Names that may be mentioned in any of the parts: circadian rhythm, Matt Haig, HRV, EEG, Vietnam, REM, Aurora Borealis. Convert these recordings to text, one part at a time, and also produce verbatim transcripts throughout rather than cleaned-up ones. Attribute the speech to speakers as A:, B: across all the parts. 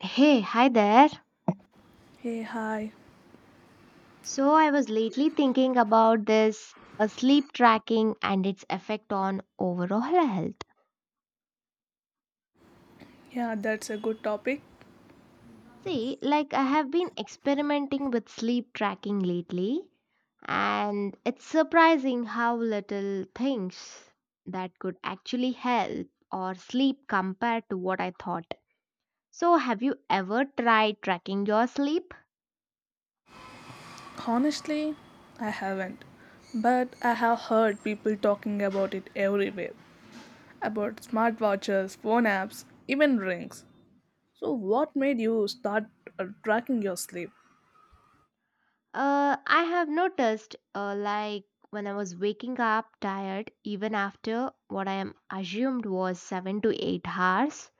A: Hey, hi there.
B: Hey, hi.
A: So, I was lately thinking about this uh, sleep tracking and its effect on overall health.
B: Yeah, that's a good topic.
A: See, like I have been experimenting with sleep tracking lately, and it's surprising how little things that could actually help or sleep compared to what I thought. So, have you ever tried tracking your sleep?
B: Honestly, I haven't. But I have heard people talking about it everywhere about smartwatches, phone apps, even rings. So, what made you start uh, tracking your sleep?
A: Uh, I have noticed, uh, like when I was waking up tired, even after what I am assumed was seven to eight hours.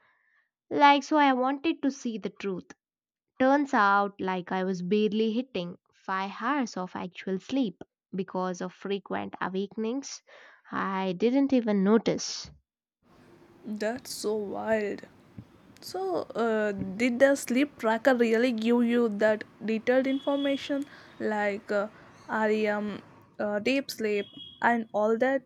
A: Like, so I wanted to see the truth. Turns out, like, I was barely hitting five hours of actual sleep because of frequent awakenings. I didn't even notice.
B: That's so wild. So, uh, did the sleep tracker really give you that detailed information like uh, R E M, uh, deep sleep, and all that?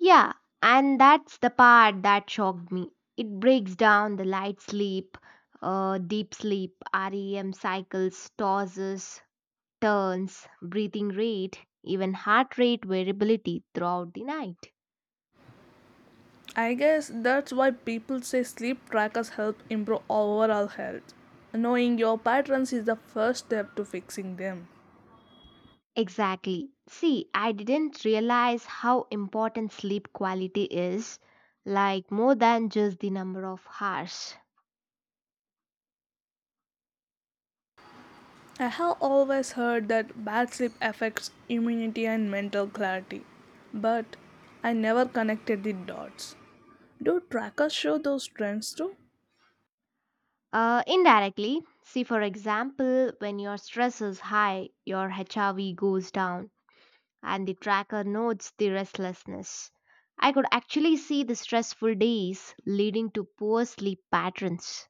A: Yeah, and that's the part that shocked me. It breaks down the light sleep, uh, deep sleep, R E M cycles, tosses, turns, breathing rate, even heart rate variability throughout the night.
B: I guess that's why people say sleep trackers help improve overall health. Knowing your patterns is the first step to fixing them.
A: Exactly. See, I didn't realize how important sleep quality is, like more than just the number of hours.
B: I have always heard that bad sleep affects immunity and mental clarity, but I never connected the dots. Do trackers show those trends too?
A: Uh, indirectly, see, for example, when your stress is high, your H R V goes down and the tracker notes the restlessness. I could actually see the stressful days leading to poor sleep patterns.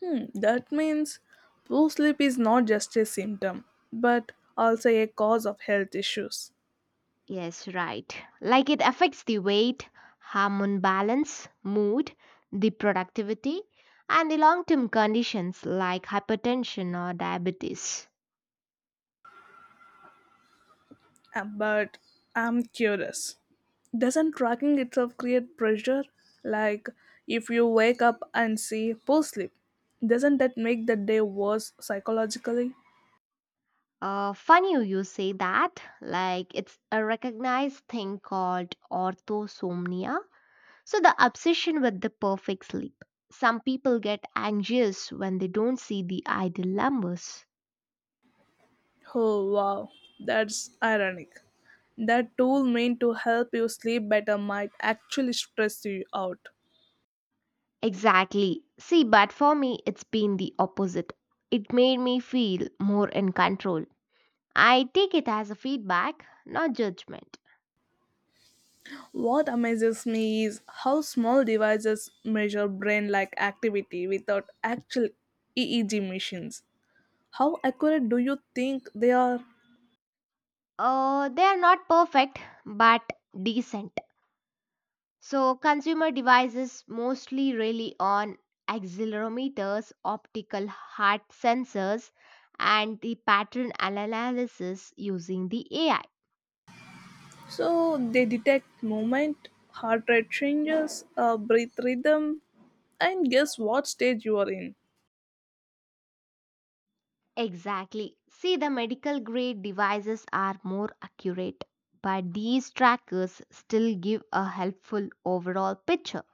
B: Hmm, that means poor sleep is not just a symptom, but also a cause of health issues.
A: Yes, right. Like it affects the weight, hormone balance, mood, the productivity, and the long term conditions like hypertension or diabetes.
B: Uh, But I'm curious. Doesn't tracking itself create pressure, like if you wake up and see poor sleep, doesn't that make the day worse psychologically?
A: Uh, funny you say that. Like it's a recognized thing called orthosomnia. So, the obsession with the perfect sleep. Some people get anxious when they don't see the ideal numbers.
B: Oh wow, that's ironic, that tool meant to help you sleep better might actually stress you out.
A: Exactly. See, but for me, it's been the opposite. It made me feel more in control. I take it as a feedback, not judgment.
B: What amazes me is how small devices measure brain like activity without actual E E G machines. How accurate do you think they are?
A: Uh, they are not perfect, but decent. So consumer devices mostly rely on accelerometers, optical heart sensors, and the pattern analysis using the A I.
B: So they detect movement, heart rate changes, uh, breath rhythm, and guess what stage you are in.
A: Exactly. See, the medical grade devices are more accurate, but these trackers still give a helpful overall picture.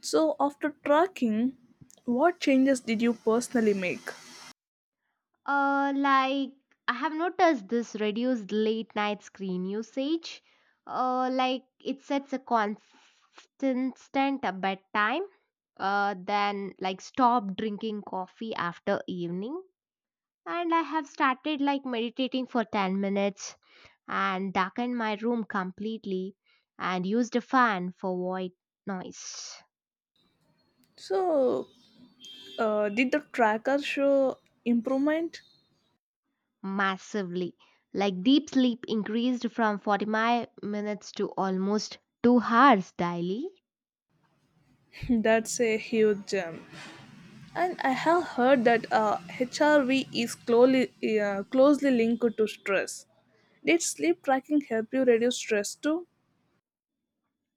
B: So after tracking, what changes did you personally make?
A: Uh, like I have noticed this reduced late night screen usage. Uh, like it sets a constant bedtime. Uh, then like stop drinking coffee after evening, and I have started like meditating for ten minutes and darkened my room completely, and used a fan for white noise.
B: So uh, did the tracker show improvement?
A: Massively. Like deep sleep increased from forty-five minutes to almost two hours daily.
B: That's a huge gem. And I have heard that uh, H R V is closely uh, closely linked to stress. Did sleep tracking help you reduce stress too?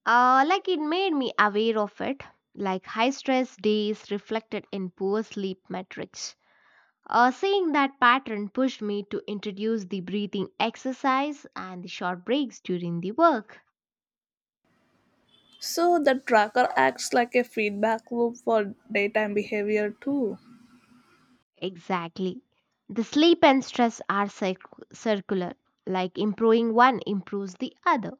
A: Uh, like it made me aware of it, like high stress days reflected in poor sleep metrics. Uh, seeing that pattern pushed me to introduce the breathing exercise and the short breaks during the work.
B: So the tracker acts like a feedback loop for daytime behavior too.
A: Exactly. The sleep and stress are circ- circular, like improving one improves the other.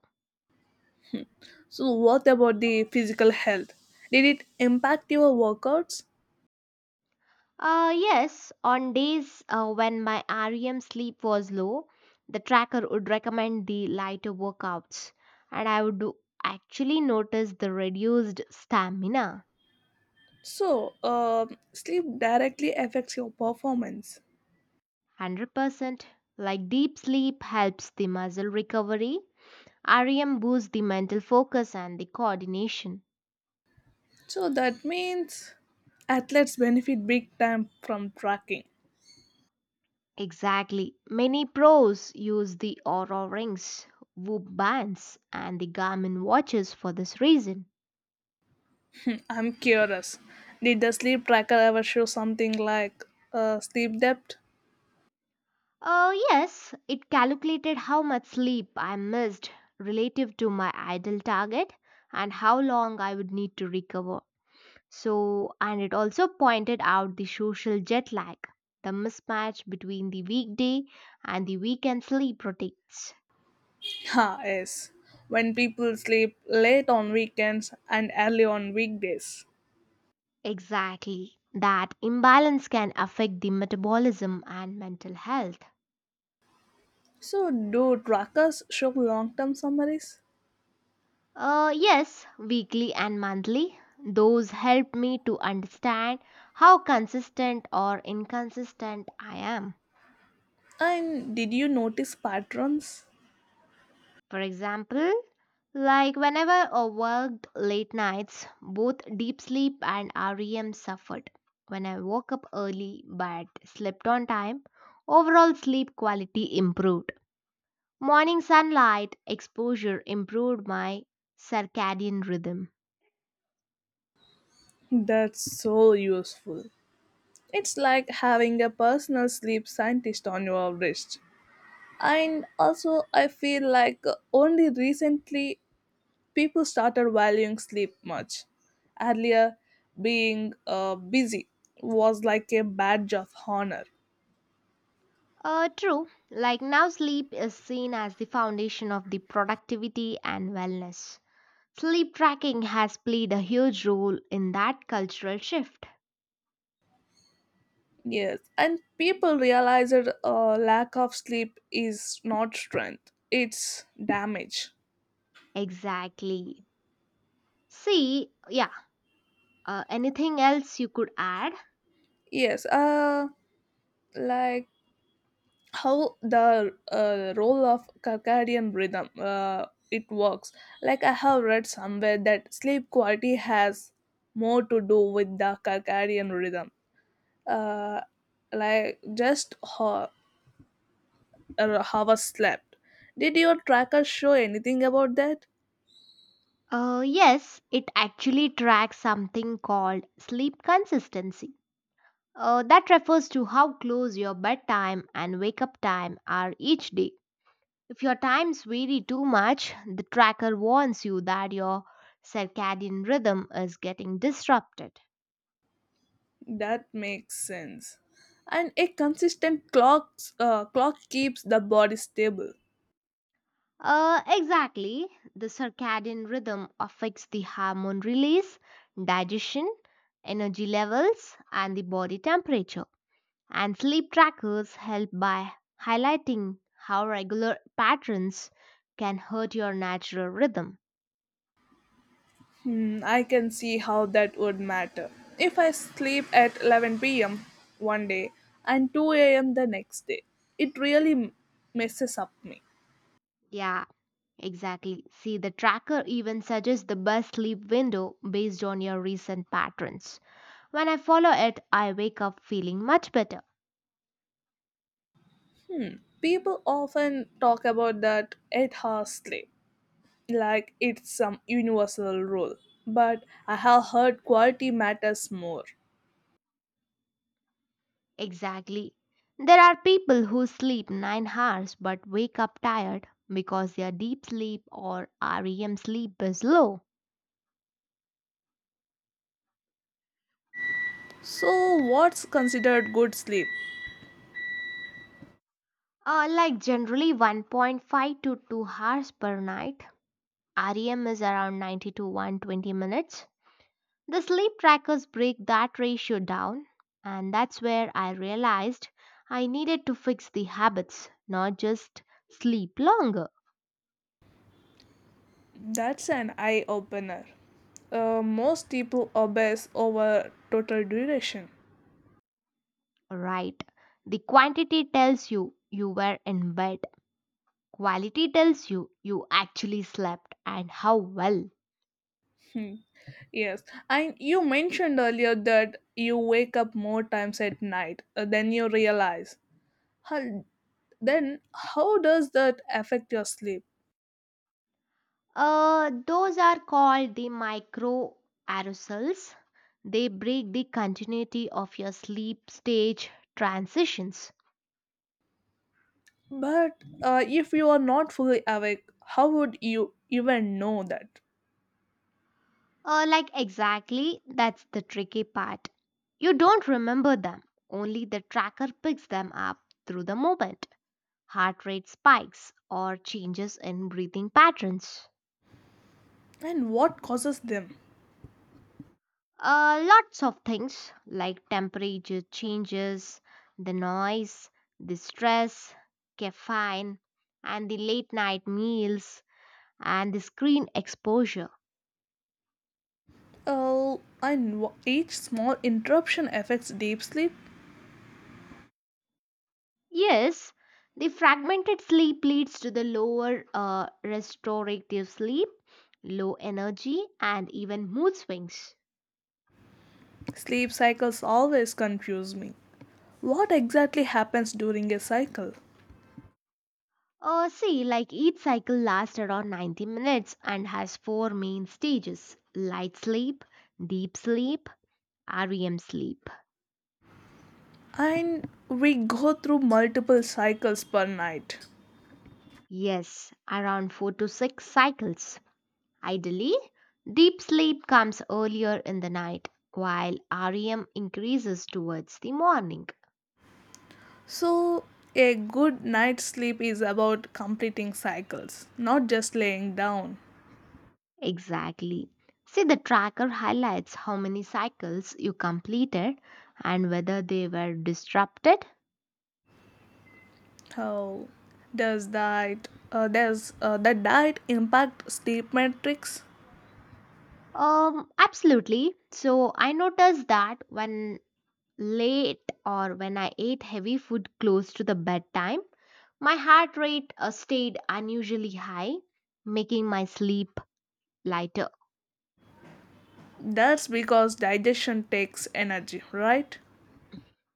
B: So what about the physical health? Did it impact your workouts?
A: Uh, yes, on days uh, when my R E M sleep was low, the tracker would recommend the lighter workouts, and I would do- actually notice the reduced stamina.
B: So um sleep directly affects your performance.
A: one hundred percent. Like deep sleep helps the muscle recovery, R E M boosts the mental focus and the coordination.
B: So that means athletes benefit big time from tracking.
A: Exactly. Many pros use the Aura rings, Whoop bands, and the Garmin watches for this reason.
B: I'm curious. Did the sleep tracker ever show something like uh, sleep depth?
A: Uh, yes, it calculated how much sleep I missed relative to my ideal target and how long I would need to recover. So, and it also pointed out the social jet lag, the mismatch between the weekday and the weekend sleep routines.
B: Ha, yes. When people sleep late on weekends and early on weekdays.
A: Exactly. That imbalance can affect the metabolism and mental health.
B: So, do trackers show long term summaries?
A: Uh, yes, weekly and monthly. Those help me to understand how consistent or inconsistent I am.
B: And did you notice patterns?
A: For example, like whenever I worked late nights, both deep sleep and R E M suffered. When I woke up early but slept on time, overall sleep quality improved. Morning sunlight exposure improved my circadian rhythm.
B: That's so useful. It's like having a personal sleep scientist on your wrist. And also, I feel like only recently people started valuing sleep much. Earlier, being uh, busy was like a badge of honor.
A: Uh, true, like now, sleep is seen as the foundation of the productivity and wellness. Sleep tracking has played a huge role in that cultural shift.
B: Yes, and people realize that uh, lack of sleep is not strength; it's damage.
A: Exactly. See, yeah, uh, anything else you could add?
B: Yes, uh, like how the uh, role of circadian rhythm uh, it works. Like I have read somewhere that sleep quality has more to do with the circadian rhythm. Uh, like just how uh, how I slept. Did your tracker show anything about that?
A: Uh, yes, it actually tracks something called sleep consistency. Uh, that refers to how close your bedtime and wake up time are each day. If your times vary too much, the tracker warns you that your circadian rhythm is getting disrupted.
B: That makes sense. And a consistent clock, uh, clock keeps the body stable.
A: Uh, exactly. The circadian rhythm affects the hormone release, digestion, energy levels, and the body temperature. And sleep trackers help by highlighting how regular patterns can hurt your natural rhythm.
B: Hmm, I can see how that would matter. If I sleep at eleven p m one day and two a m the next day, it really m- messes up me.
A: Yeah, exactly. See, the tracker even suggests the best sleep window based on your recent patterns. When I follow it, I wake up feeling much better.
B: Hmm, people often talk about that eight hour sleep like it's some universal rule, but I have heard quality matters more.
A: Exactly. There are people who sleep nine hours but wake up tired because their deep sleep or R E M sleep is low.
B: So, what's considered good sleep?
A: Uh, like generally one point five to two hours per night. R E M is around ninety to one hundred twenty minutes. The sleep trackers break that ratio down, and that's where I realized I needed to fix the habits, not just sleep longer,
B: That's an eye opener. Uh, most people obsess over total duration.
A: right? The quantity tells you you were in bed, quality tells you you actually slept and how well.
B: Hmm. Yes, and you mentioned earlier that you wake up more times at night uh, than you realize. How, then, how does that affect your sleep?
A: Uh, those are called the micro aerosols. They break the continuity of your sleep stage transitions.
B: But uh, if you are not fully awake, how would you even know that?
A: Uh, like, exactly, that's the tricky part. You don't remember them, only the tracker picks them up through the moment. Heart rate spikes or changes in breathing patterns.
B: And what causes them?
A: Uh, lots of things like temperature changes, the noise, the stress, caffeine, and the late night meals, and the screen exposure.
B: Uh, and wh- each small interruption affects deep sleep.
A: Yes, the fragmented sleep leads to the lower uh, restorative sleep, low energy, and even mood swings.
B: Sleep cycles always confuse me. What exactly happens during a cycle?
A: Uh, see, like each cycle lasts around ninety minutes and has four main stages light sleep, deep sleep, R E M sleep.
B: And we go through multiple cycles per night.
A: Yes, around four to six cycles. Ideally, deep sleep comes earlier in the night, while R E M increases towards the morning.
B: So, a good night's sleep is about completing cycles, not just laying down.
A: Exactly. See, the tracker highlights how many cycles you completed and whether they were disrupted.
B: How does that uh, does uh, the diet impact sleep metrics?
A: Um, absolutely. So I noticed that when late or when I ate heavy food close to the bedtime, my heart rate uh, stayed unusually high, making my sleep lighter.
B: That's because digestion takes energy, right?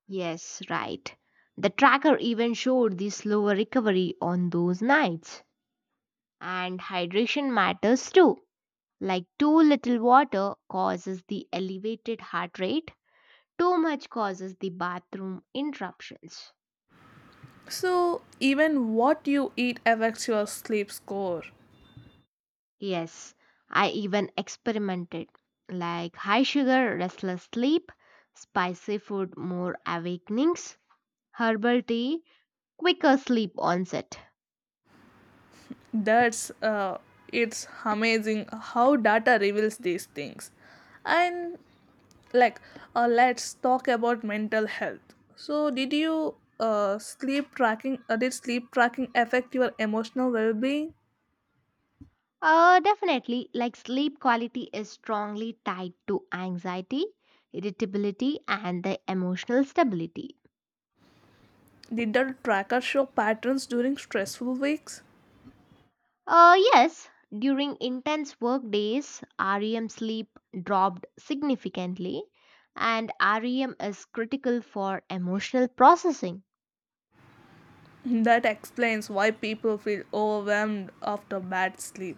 A: Yes, right. The tracker even showed the slower recovery on those nights. And hydration matters too. Like too little water causes the elevated heart rate, too much causes the bathroom interruptions.
B: So, even what you eat affects your sleep score.
A: Yes, I even experimented like high sugar, restless sleep, spicy food, more awakenings, herbal tea, quicker sleep onset.
B: That's uh, It's amazing how data reveals these things, and like uh, let's talk about mental health. So did you uh, sleep tracking uh, did sleep tracking affect your emotional well-being?
A: Uh, definitely, like sleep quality is strongly tied to anxiety, irritability, and the emotional stability.
B: Did the tracker show patterns during stressful weeks?
A: Uh, yes, during intense work days, R E M sleep dropped significantly, and R E M is critical for emotional processing.
B: That explains why people feel overwhelmed after bad sleep.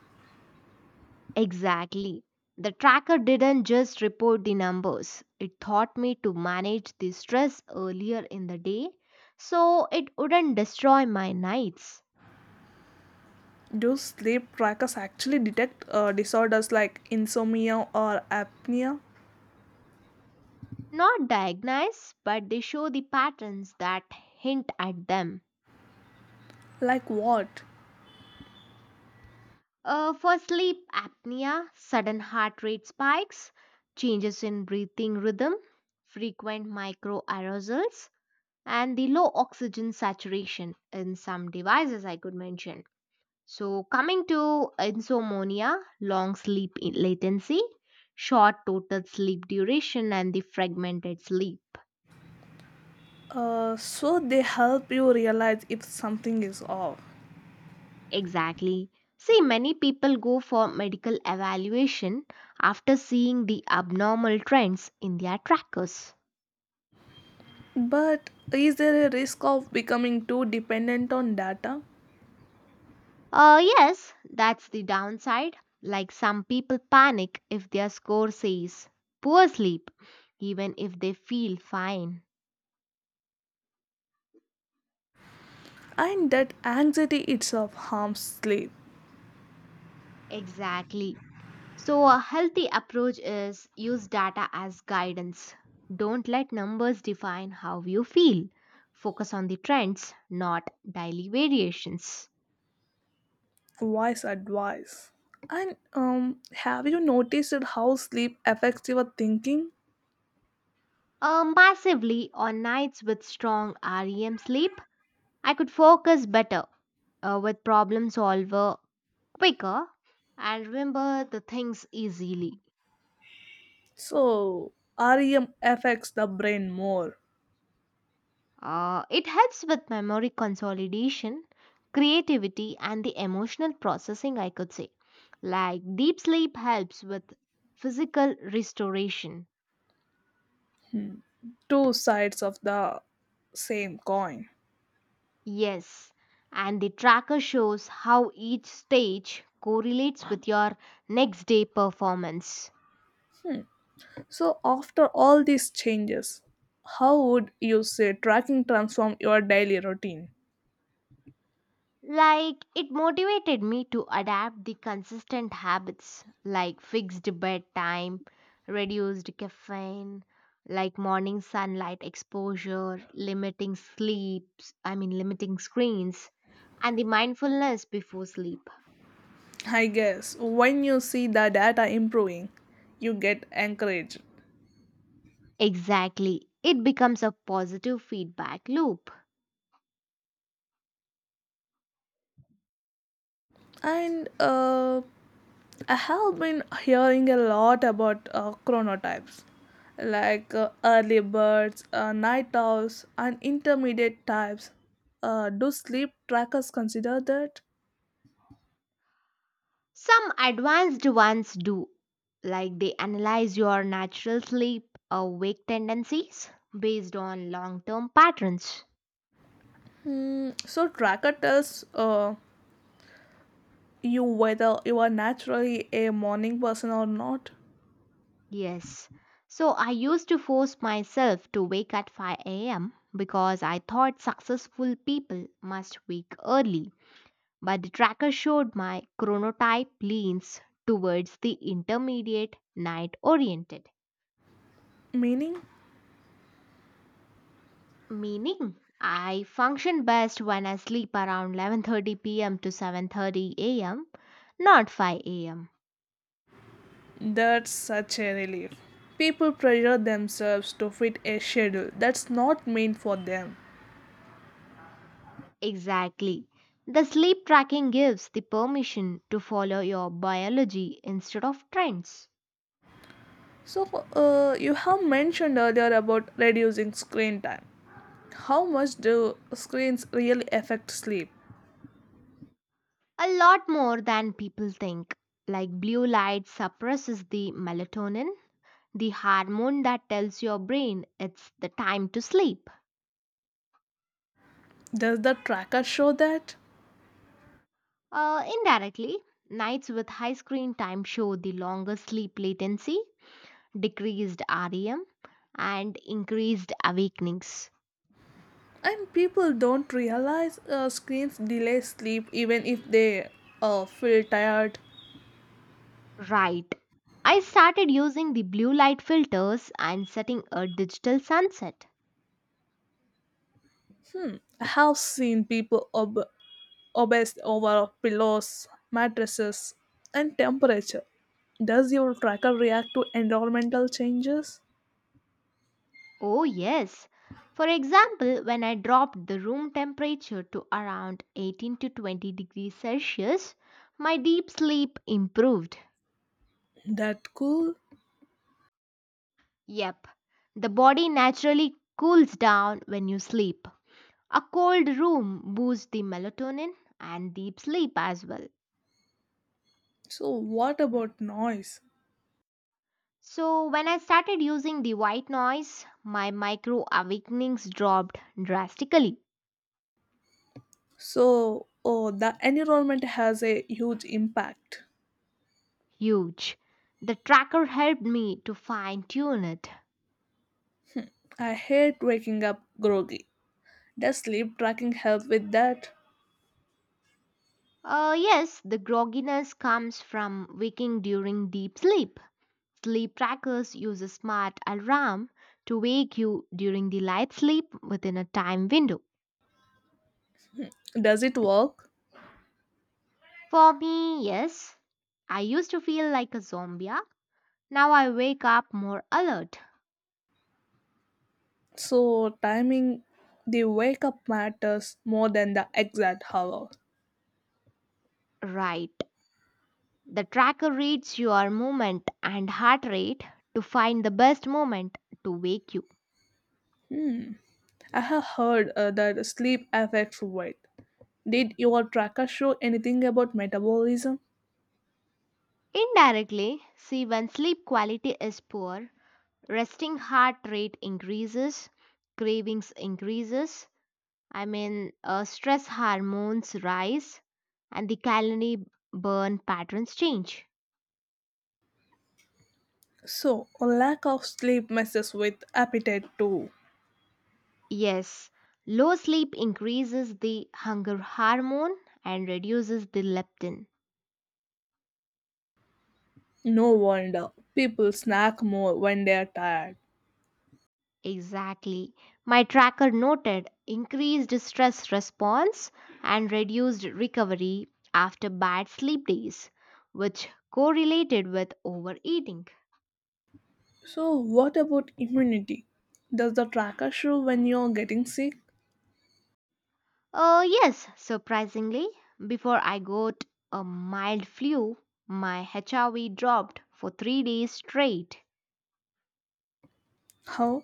A: Exactly. The tracker didn't just report the numbers, it taught me to manage the stress earlier in the day so it wouldn't destroy my nights.
B: Do sleep trackers actually detect uh, disorders like insomnia or apnea?
A: Not diagnose, but they show the patterns that hint at them.
B: Like what?
A: Uh, for sleep apnea, sudden heart rate spikes, changes in breathing rhythm, frequent microarousals, and the low oxygen saturation in some devices I could mention. So, coming to insomnia, long sleep i- latency, short total sleep duration, and the fragmented sleep.
B: Uh, so they help you realize if something is off.
A: Exactly. See, many people go for medical evaluation after seeing the abnormal trends in their trackers.
B: But is there a risk of becoming too dependent on data?
A: Uh, yes, that's the downside. Like some people panic if their score says poor sleep, even if they feel fine.
B: And that anxiety itself harms sleep.
A: Exactly. So, a healthy approach is use data as guidance. Don't let numbers define how you feel. Focus on the trends, not daily variations.
B: Wise advice. And um, have you noticed how sleep affects your thinking?
A: Uh, massively, on nights with strong R E M sleep, I could focus better uh, with problem solver quicker and remember the things easily.
B: So, R E M affects the brain more.
A: Uh, it helps with memory consolidation, creativity, and the emotional processing, I could say. Like deep sleep helps with physical restoration.
B: Two sides of the same coin.
A: Yes, and the tracker shows how each stage correlates with your next day performance.
B: So, after all these changes, how would you say tracking transform your daily routine?
A: Like, it motivated me to adapt the consistent habits like fixed bedtime, reduced caffeine, like morning sunlight exposure, limiting sleeps, I mean, limiting screens, and the mindfulness before sleep.
B: I guess when you see the data improving, you get encouraged.
A: Exactly. It becomes a positive feedback loop.
B: And uh, I have been hearing a lot about uh, chronotypes like uh, early birds, uh, night owls, and intermediate types. Uh, do sleep trackers consider that?
A: Some advanced ones do, like they analyze your natural sleep awake tendencies based on long term patterns.
B: Hmm, so tracker tells uh, you whether you are naturally a morning person or not.
A: Yes. So I used to force myself to wake at five a m because I thought successful people must wake early. But the tracker showed my chronotype leans towards the intermediate night oriented,
B: Meaning?
A: meaning I function best when I sleep around eleven thirty p m to seven thirty a m, not five a m.
B: That's such a relief. People pressure themselves to fit a schedule that's not meant for them.
A: Exactly. The sleep tracking gives the permission to follow your biology instead of trends.
B: So, uh, you have mentioned earlier about reducing screen time. How much do screens really affect sleep?
A: A lot more than people think. Like blue light suppresses the melatonin, the hormone that tells your brain it's the time to sleep.
B: Does the tracker show that?
A: Uh, indirectly, nights with high screen time show the longer sleep latency, decreased R E M, and increased awakenings.
B: And people don't realize uh, screens delay sleep even if they uh, feel tired.
A: Right. I started using the blue light filters and setting a digital sunset.
B: I have seen people ob- obsessed over pillows, mattresses, and temperature. Does your tracker react to environmental changes?
A: Oh, yes. For example, when I dropped the room temperature to around eighteen to twenty degrees Celsius, my deep sleep improved.
B: That cool.
A: Yep, the body naturally cools down when you sleep. A cold room boosts the melatonin and deep sleep as well.
B: So what about noise?
A: So, when I started using the white noise, my micro awakenings dropped drastically.
B: So oh, the environment has a huge impact.
A: Huge. The tracker helped me to fine tune it.
B: I hate waking up groggy. Does sleep tracking help with that?
A: Uh, yes, the grogginess comes from waking during deep sleep. Sleep trackers use a smart alarm to wake you during the light sleep within a time window.
B: Does it work?
A: For me, yes, I used to feel like a zombie. Now I wake up more alert.
B: So timing the wake up matters more than the exact hour.
A: Right. The tracker reads your movement and heart rate to find the best moment to wake you.
B: I have heard uh, that sleep affects weight. Did your tracker show anything about metabolism?
A: Indirectly, see when sleep quality is poor, resting heart rate increases, cravings increases, I mean, uh, stress hormones rise and the calorie burn patterns change.
B: So, a lack of sleep messes with appetite too.
A: Yes, low sleep increases the hunger hormone and reduces the leptin.
B: No wonder people snack more when they are tired.
A: Exactly, my tracker noted increased stress response and reduced recovery after bad sleep days, which correlated with overeating.
B: So, what about immunity? Does the tracker show when you're getting sick?
A: Uh, yes, surprisingly, before I got a mild flu, my H R V dropped for three days straight.
B: How?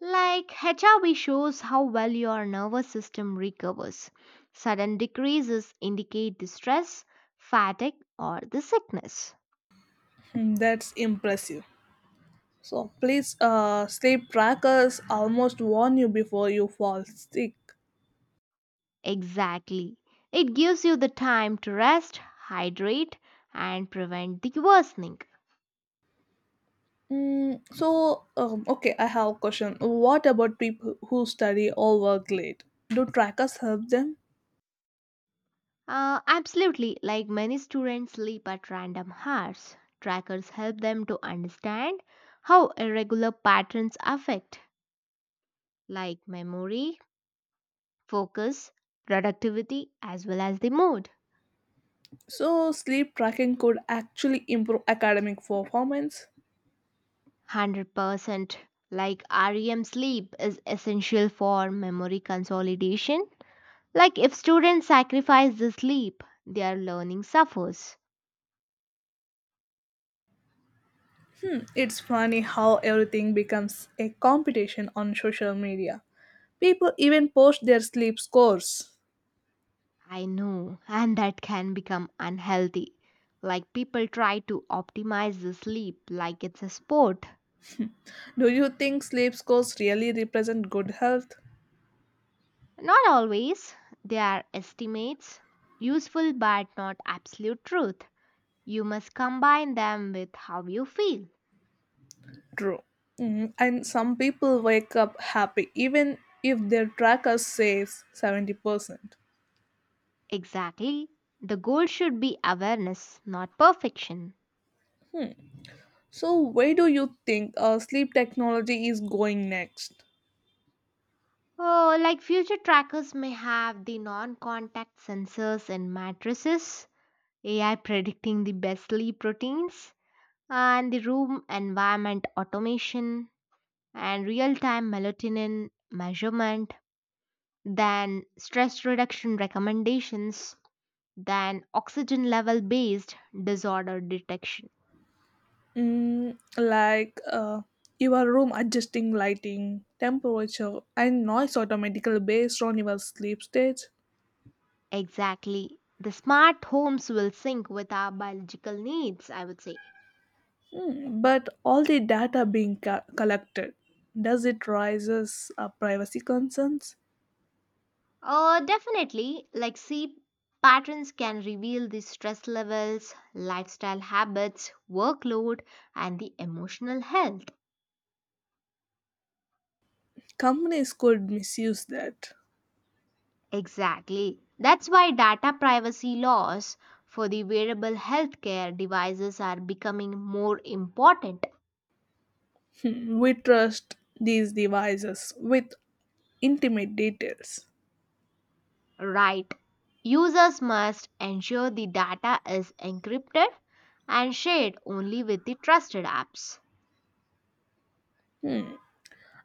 A: Like, H R V shows how well your nervous system recovers. Sudden decreases indicate the stress, fatigue, or the sickness.
B: Hmm, that's impressive. So, please, uh, sleep trackers almost warn you before you fall sick.
A: Exactly. It gives you the time to rest, hydrate, and prevent the worsening.
B: Mm, so, um, okay, I have a question. What about people who study or work late? Do trackers help them?
A: Uh, absolutely, like many students sleep at random hours, trackers help them to understand how irregular patterns affect, like memory, focus, productivity, as well as the mood.
B: So, sleep tracking could actually improve academic performance.
A: one hundred percent like R E M sleep is essential for memory consolidation. Like, if students sacrifice the sleep, their learning suffers.
B: It's funny how everything becomes a competition on social media. People even post their sleep scores.
A: I know, and that can become unhealthy. Like people try to optimize the sleep like it's a sport.
B: Do you think sleep scores really represent good health?
A: Not always. They are estimates, useful but not absolute truth. You must combine them with how you feel.
B: True. Mm, and some people wake up happy even if their tracker says seventy percent.
A: Exactly. The goal should be awareness, not perfection.
B: So, where do you think uh, sleep technology is going next?
A: Oh, like future trackers may have the non contact sensors in mattresses, A I predicting the best sleep routines, and the room environment automation and real time melatonin measurement, then stress reduction recommendations, then oxygen level based disorder detection.
B: Mm, like uh, your room adjusting lighting, temperature, and noise automatically based on your sleep stage.
A: Exactly. The smart homes will sync with our biological needs, I would say.
B: Mm, but all the data being co- collected, does it raises uh, privacy concerns?
A: Uh, definitely, like sleep patterns can reveal the stress levels, lifestyle habits, workload, and the emotional health.
B: Companies could misuse that.
A: Exactly. That's why data privacy laws for the wearable healthcare devices are becoming more important.
B: Hmm, we trust these devices with intimate details.
A: Right. Users must ensure the data is encrypted and shared only with the trusted apps.
B: Hmm,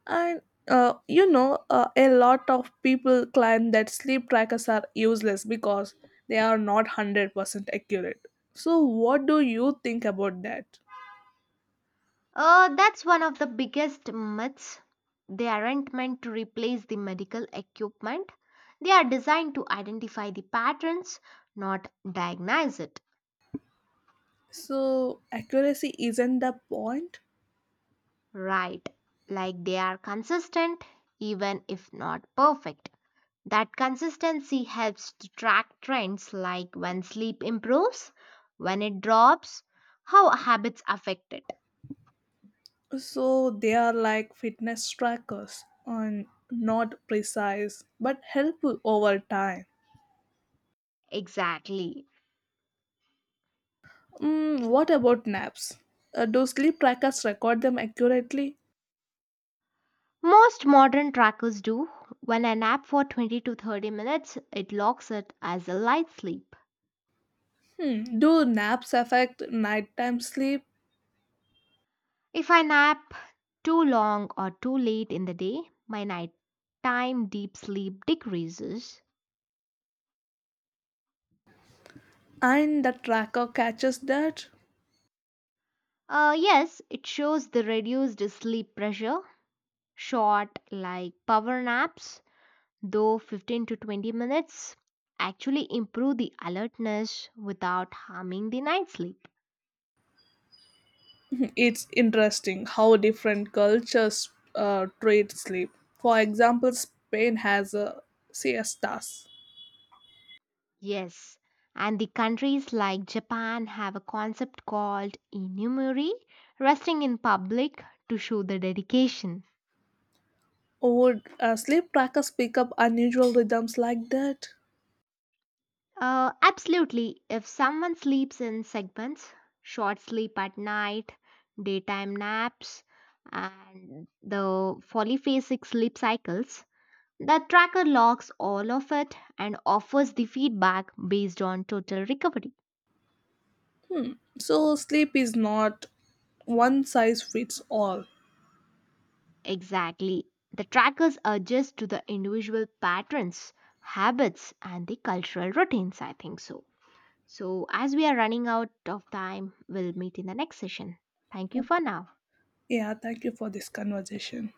B: and uh, you know, uh, a lot of people claim that sleep trackers are useless because they are not one hundred percent accurate. So, what do you think about that?
A: Uh, that's one of the biggest myths. They aren't meant to replace the medical equipment. They are designed to identify the patterns, not diagnose it.
B: So, accuracy isn't the point.
A: Right, like they are consistent, even if not perfect. That consistency helps to track trends like when sleep improves, when it drops, how habits affect it.
B: So, they are like fitness trackers and not precise but helpful over time.
A: Exactly.
B: Mm, what about naps? Uh, do sleep trackers record them accurately?
A: Most modern trackers do. When I nap for twenty to thirty minutes, it logs it as a light sleep.
B: Hmm. Do naps affect nighttime sleep?
A: If I nap too long or too late in the day, my nighttime deep sleep decreases.
B: And the tracker catches that.
A: Uh, yes, it shows the reduced sleep pressure, short like power naps, though fifteen to twenty minutes, actually improve the alertness without harming the night sleep.
B: It's interesting how different cultures uh, treat sleep. For example, Spain has a siestas.
A: Yes, and the countries like Japan have a concept called inumuri, resting in public to show the dedication.
B: Would uh, sleep trackers pick up unusual rhythms like that?
A: Uh, absolutely. If someone sleeps in segments, short sleep at night, daytime naps, and the polyphasic sleep cycles, the tracker logs all of it and offers the feedback based on total recovery.
B: So, sleep is not one size fits all.
A: Exactly. The trackers adjust to the individual patterns, habits, and the cultural routines, I think so. So, as we are running out of time, we'll meet in the next session. Thank you for now.
B: Yeah, thank you for this conversation.